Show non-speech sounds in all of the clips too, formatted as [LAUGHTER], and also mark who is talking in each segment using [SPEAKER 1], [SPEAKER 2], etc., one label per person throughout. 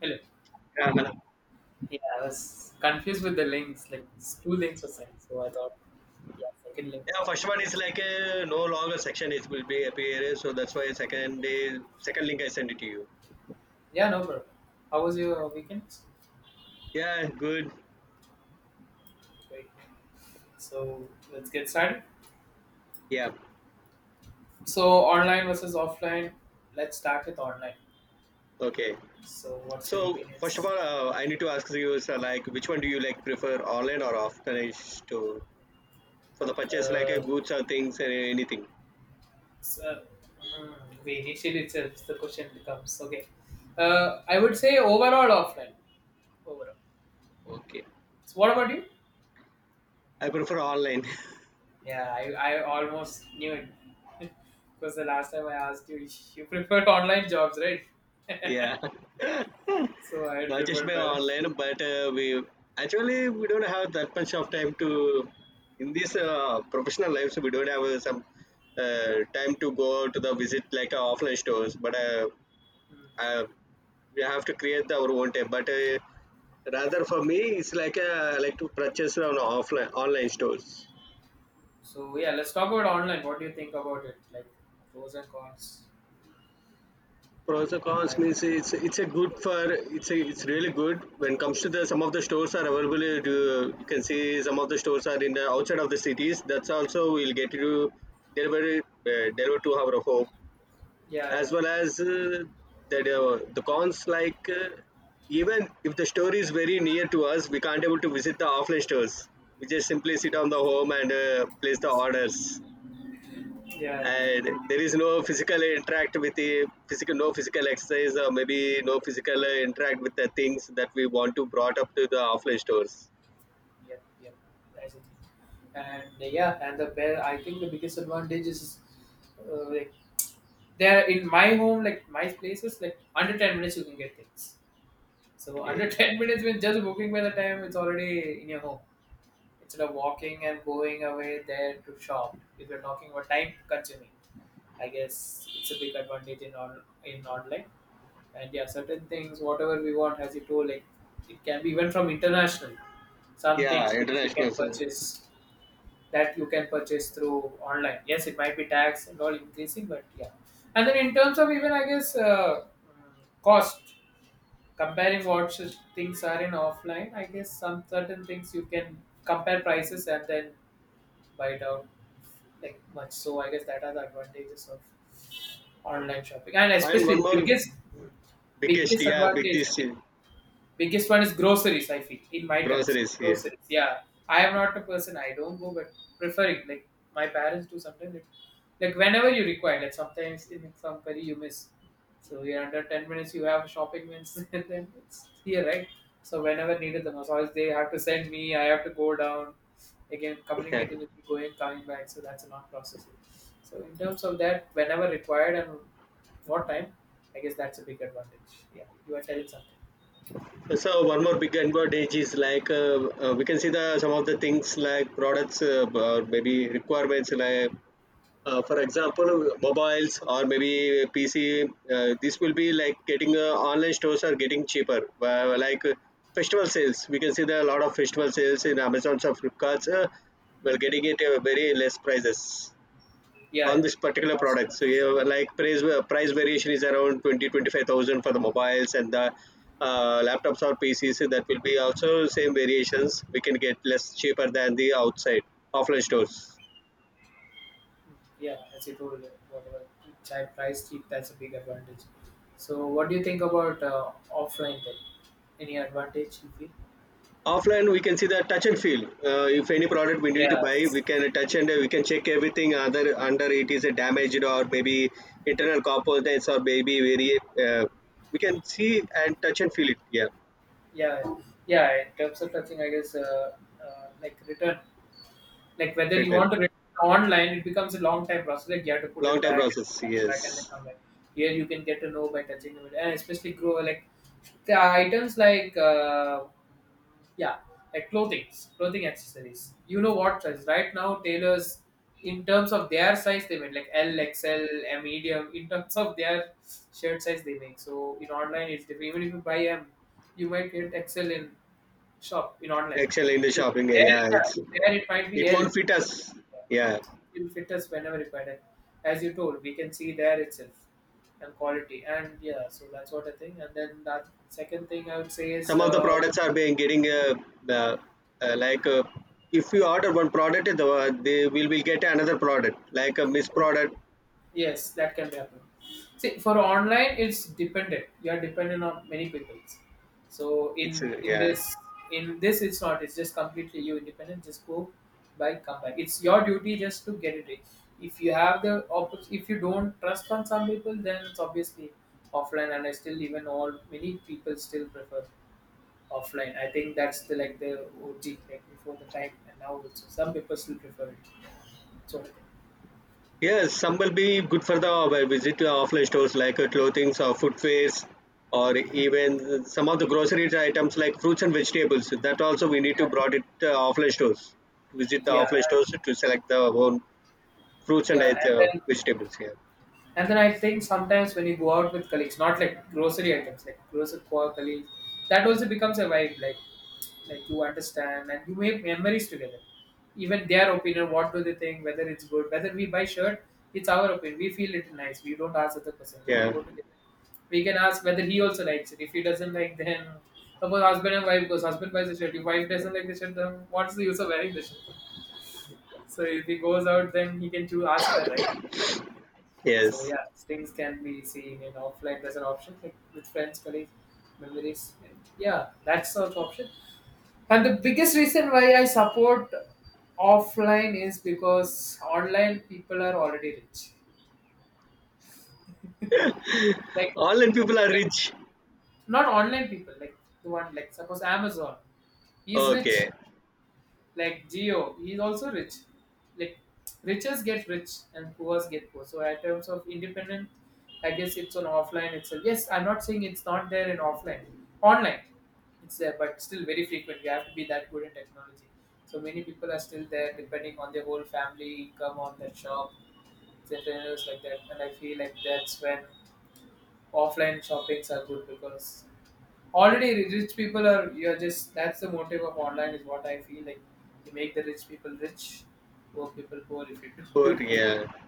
[SPEAKER 1] Hello.
[SPEAKER 2] Yeah, madam.
[SPEAKER 1] Yeah, I was confused with the links. Like two links were sent, so I thought, yeah, second link
[SPEAKER 2] Yeah,
[SPEAKER 1] must
[SPEAKER 2] first
[SPEAKER 1] be
[SPEAKER 2] one is
[SPEAKER 1] first.
[SPEAKER 2] like no longer section it will be appear, so that's why second day second link I send it to you.
[SPEAKER 1] Yeah, no problem. How was your weekend?
[SPEAKER 2] Yeah, good.
[SPEAKER 1] Great. So let's get started.
[SPEAKER 2] Yeah,
[SPEAKER 1] So online versus offline. Let's start with online.
[SPEAKER 2] okay.
[SPEAKER 1] So what's your
[SPEAKER 2] So first of
[SPEAKER 1] opinions?
[SPEAKER 2] all, I need to ask you, sir, like which one do you like prefer, online or offline store for the purchase, like
[SPEAKER 1] Uh,
[SPEAKER 2] goods or things or anything?
[SPEAKER 1] so, hmm, we initially itself the question becomes okay. I would say overall offline. Overall.
[SPEAKER 2] Okay,
[SPEAKER 1] So what about you?
[SPEAKER 2] I prefer online.
[SPEAKER 1] Yeah, I almost knew it. [LAUGHS] Because the last time I asked you, you preferred online jobs, right?
[SPEAKER 2] [LAUGHS]
[SPEAKER 1] [LAUGHS]
[SPEAKER 2] Yeah. [LAUGHS]
[SPEAKER 1] So I
[SPEAKER 2] Not just
[SPEAKER 1] preferred
[SPEAKER 2] by
[SPEAKER 1] by right.
[SPEAKER 2] online, but we actually we don't have that much of time to in this professional lives. We don't have some time to go to the visit like offline stores, but
[SPEAKER 1] Hmm.
[SPEAKER 2] uh, we have to create our own time. But rather for me, it's like I like to purchase on offline online stores.
[SPEAKER 1] So yeah, let's talk about online. What do you think about it? Like pros and cons
[SPEAKER 2] Pros and cons
[SPEAKER 1] online.
[SPEAKER 2] means it's a good for, it's really good when it comes to the, some of the stores are available, you can see some of the stores are in the outside of the cities, that's also we'll get to deliver to our home,
[SPEAKER 1] Yeah, yeah.
[SPEAKER 2] as well as that the cons like even if the store is very near to us we can't able to visit the offline stores, we just simply sit on the home and place the orders,
[SPEAKER 1] Yeah, yeah.
[SPEAKER 2] and there is no physical interact with the physical, no physical exercise or maybe no physical interact with the things that we want to brought up to the offline stores.
[SPEAKER 1] Yep, yep. I see. And yeah, and the best, I think the biggest advantage is like there in my home, like my places, like under 10 minutes you can get things. So [LAUGHS]
[SPEAKER 2] Okay.
[SPEAKER 1] under 10 minutes when just booking, by the time it's already in your home. Instead of walking and going away there to shop. If you're talking about time consuming, I guess it's a big advantage in online. And yeah, certain things, whatever we want, as you told, like it can be even from international. Some
[SPEAKER 2] Yeah,
[SPEAKER 1] things which you
[SPEAKER 2] international,
[SPEAKER 1] can
[SPEAKER 2] sir.
[SPEAKER 1] purchase That you can purchase through online. Yes, it might be tax and all increasing, but yeah. And then in terms of even, I guess, cost comparing what things are in offline, I guess some certain things you can compare prices and then buy it out, like, much. So I guess that are the advantages of online shopping, and
[SPEAKER 2] And one
[SPEAKER 1] especially
[SPEAKER 2] more
[SPEAKER 1] biggest
[SPEAKER 2] biggest, yeah,
[SPEAKER 1] advantage.
[SPEAKER 2] biggest
[SPEAKER 1] Biggest one is groceries, I feel, in my terms.
[SPEAKER 2] groceries here.
[SPEAKER 1] Groceries, yeah. I am not a person, I don't go, but preferring, like, my parents do sometimes. Like, whenever you require, like, sometimes in some curry you miss. So, you're under 10 minutes, you have shopping minutes, [LAUGHS] and then it's here, right? So whenever needed the most, always they have to send me, I have to go down, again,
[SPEAKER 2] Yeah.
[SPEAKER 1] communicating with me, going, coming back. So that's a long process. So, in terms of that, whenever required and what time, I guess that's a big advantage. Yeah, you are telling something.
[SPEAKER 2] So one more big advantage is like we can see the some of the things like products, or maybe requirements like for example, mobiles or maybe pc, this will be like getting online stores are getting cheaper, like festival sales. We can see there are a lot of festival sales in amazon's or flipkart's, we're getting it very less prices
[SPEAKER 1] Yeah,
[SPEAKER 2] on
[SPEAKER 1] yeah.
[SPEAKER 2] this
[SPEAKER 1] The
[SPEAKER 2] particular
[SPEAKER 1] cost
[SPEAKER 2] product. So
[SPEAKER 1] plus,
[SPEAKER 2] you have, like price variation is around twenty twenty five thousand for the mobiles and the laptops or pcs, that will be also same variations, we can get less cheaper than the outside offline stores.
[SPEAKER 1] yeah, as you told, whatever child price cheap, that's a big advantage. So what do you think about offline then? Any advantage you feel?
[SPEAKER 2] Offline we can see the touch and feel, if any product we need to buy
[SPEAKER 1] Yes.
[SPEAKER 2] we can touch and we can check everything, other under it is a damaged or maybe internal components or maybe very uh, we can see and touch and feel it. Yeah.
[SPEAKER 1] Yeah, yeah. In terms of touching, I guess, like return, like whether you want
[SPEAKER 2] Written.
[SPEAKER 1] to return online, it becomes a long time process. Like you have to put
[SPEAKER 2] Long
[SPEAKER 1] it
[SPEAKER 2] time
[SPEAKER 1] back and
[SPEAKER 2] process,
[SPEAKER 1] it comes back and then
[SPEAKER 2] yes.
[SPEAKER 1] come back. Here you can get to know by touching it, and especially grow like the items like yeah, like clothing, accessories. You know what size, right now tailors in terms of their size they make like L XL, a medium, in terms of their shirt size they make. So in online it's different, even if you buy M you might get XL in shop, in online.
[SPEAKER 2] Actually in the
[SPEAKER 1] In
[SPEAKER 2] shopping, yeah,
[SPEAKER 1] there,
[SPEAKER 2] yeah, it's,
[SPEAKER 1] yeah, there it might be
[SPEAKER 2] it
[SPEAKER 1] L,
[SPEAKER 2] won't fit us. Yeah.
[SPEAKER 1] it will fit us whenever required, as you told, we can see there itself, and quality. And yeah, so that's what I think. And then that second thing I would say is
[SPEAKER 2] Some of the products are being getting uh, like if you order one product, the, they will get another product like a missed product.
[SPEAKER 1] yes, that can be happened. See, for online, it's dependent. You are dependent on many people. So
[SPEAKER 2] It's
[SPEAKER 1] in in
[SPEAKER 2] yeah.
[SPEAKER 1] this in this, it's not. It's just completely you independent. Just go by come back. It's your duty just to get it, right. If you have the if you don't trust on some people, then it's obviously offline. And I still, even all many people still prefer offline. I think that's the like the OG, like before the time, and now also some people still prefer it. So
[SPEAKER 2] Yes, some will be good for the visit to offline stores like clothing or footwears or even some of the grocery items like fruits and vegetables. That also we need to brought it to offline stores, to visit the
[SPEAKER 1] yeah,
[SPEAKER 2] offline stores to select the own fruits and
[SPEAKER 1] yeah, and then
[SPEAKER 2] vegetables here.
[SPEAKER 1] And then I think sometimes when you go out with colleagues, not like grocery items, like grocery colleagues, that also becomes a vibe. Like, you understand and you make memories together. Even their opinion, what do they think, whether it's good, whether we buy shirt, it's our opinion. We feel it nice. We don't ask other person. If we
[SPEAKER 2] Yeah.
[SPEAKER 1] go together, we can ask whether he also likes it. If he doesn't like, then suppose husband and wife goes, husband buys the shirt. If wife doesn't like the shirt, then what's the use of wearing the shirt? So if he goes out, then he can choose, ask her, right? So
[SPEAKER 2] Yes.
[SPEAKER 1] yeah, things can be seen in offline as an option, like with friends, colleagues, memories. And yeah, that's the option. And the biggest reason why I support offline is because online people are already rich. Like
[SPEAKER 2] All in people are rich.
[SPEAKER 1] not online people, like the one like suppose Amazon. He's rich.
[SPEAKER 2] Okay.
[SPEAKER 1] Like Geo, he's also rich. Like riches get rich and poors get poor. So in terms of independent, I guess it's on offline itself. Yes, I'm not saying it's not there in offline. Online, it's there, but still very frequent. You have to be that good in technology. So many people are still there depending on their whole family income on that shop, entrepreneurs like that. And I feel like that's when offline shoppings are good, because already rich people are, you're just, that's the motive of online, is what I feel like. You make the rich people rich, poor people poor if you [LAUGHS] do
[SPEAKER 2] Poor.
[SPEAKER 1] it through
[SPEAKER 2] Yeah.
[SPEAKER 1] online.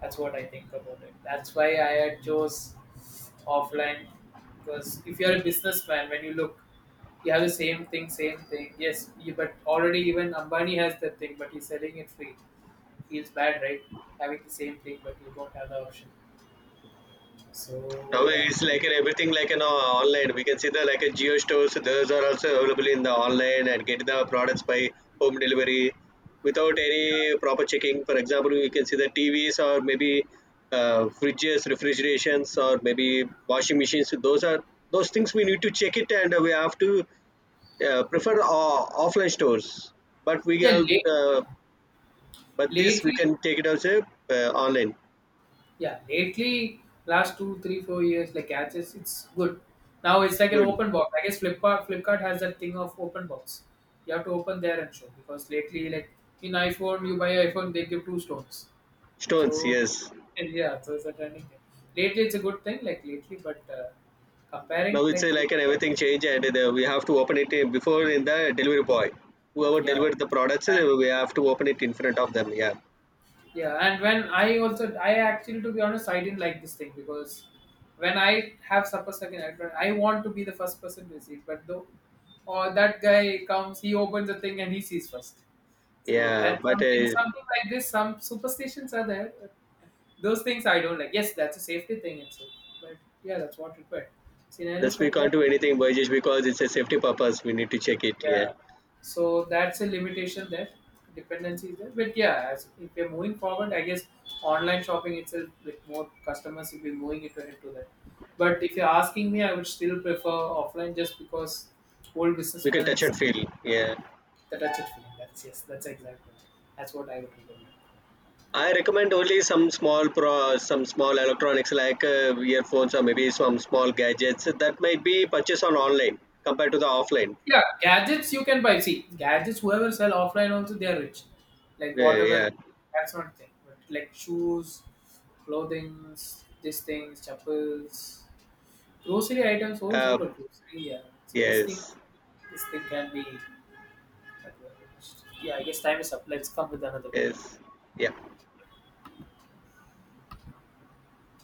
[SPEAKER 1] That's what I think about it. That's why I had chose offline, because if you're a businessman, when you look, you have the same thing, same thing. Yes, you, but already even Ambani has that thing, but he's selling it free. Feels bad, right? Having the same thing, but you don't have the option.
[SPEAKER 2] Now
[SPEAKER 1] So yeah,
[SPEAKER 2] it's like an everything like an online. We can see the like a Geo stores. Those are also available in the online and get the products by home delivery without any proper checking. For example, we can see the TVs or maybe fridges, refrigerations, or maybe washing machines. Those things we need to check it, and we have to prefer offline stores. But we
[SPEAKER 1] yeah.
[SPEAKER 2] are uh, but this we
[SPEAKER 1] Lately,
[SPEAKER 2] can take it as a online
[SPEAKER 1] yeah, lately, last 2, 3, 4 years, like catches it's good. Now it's like an
[SPEAKER 2] good.
[SPEAKER 1] open box. I guess Flipkart, has that thing of open box. You have to open there and show, because lately, like in iPhone, you buy iPhone, they give two stones.
[SPEAKER 2] Stones.
[SPEAKER 1] So
[SPEAKER 2] Yes.
[SPEAKER 1] [LAUGHS] yeah, so it's a trending thing. Lately, it's a good thing, like lately, but comparing
[SPEAKER 2] Now it's
[SPEAKER 1] like,
[SPEAKER 2] a, like an everything change, and the, we have to open it before in the delivery boy, whoever
[SPEAKER 1] yeah,
[SPEAKER 2] delivered the products,
[SPEAKER 1] and
[SPEAKER 2] we have to open it in front of them. Yeah,
[SPEAKER 1] yeah, and when I also, I actually, to be honest, I didn't like this thing, because when I have supper second iPhone I want to be the first person to see it, but though or that guy comes, he opens the thing and he sees first. So
[SPEAKER 2] yeah.
[SPEAKER 1] that's
[SPEAKER 2] But uh,
[SPEAKER 1] something like this. Some superstitions are there. But those things I don't like. Yes, that's a safety thing itself, but yeah, that's what required.
[SPEAKER 2] that's,
[SPEAKER 1] Scenarios
[SPEAKER 2] we
[SPEAKER 1] like
[SPEAKER 2] can't
[SPEAKER 1] that,
[SPEAKER 2] do anything by just because it's a safety purpose. We need to check it. Yeah,
[SPEAKER 1] yeah. So that's a limitation there. Dependency is there. But yeah, as if we're moving forward, I guess online shopping itself with more customers will be moving it into that. But if you're asking me, I would still prefer offline, just because old
[SPEAKER 2] we can
[SPEAKER 1] businessmen,
[SPEAKER 2] touch and feel. Yeah.
[SPEAKER 1] the touch it feeling. That's, yes, that's exactly. That's what I would recommend.
[SPEAKER 2] I recommend only some small electronics like earphones or maybe some small gadgets that might be purchased on online compared to the offline.
[SPEAKER 1] Yeah, gadgets you can buy. See, gadgets whoever sell offline also they are rich. Like
[SPEAKER 2] Yeah,
[SPEAKER 1] whatever,
[SPEAKER 2] yeah.
[SPEAKER 1] that's not thing. But like shoes, clothing, these things, chappals, grocery items also.
[SPEAKER 2] Uh,
[SPEAKER 1] But grocery, yeah, so this thing,
[SPEAKER 2] yes,
[SPEAKER 1] can be. Yeah, I guess time is up. Let's come with another week.
[SPEAKER 2] yes, yeah.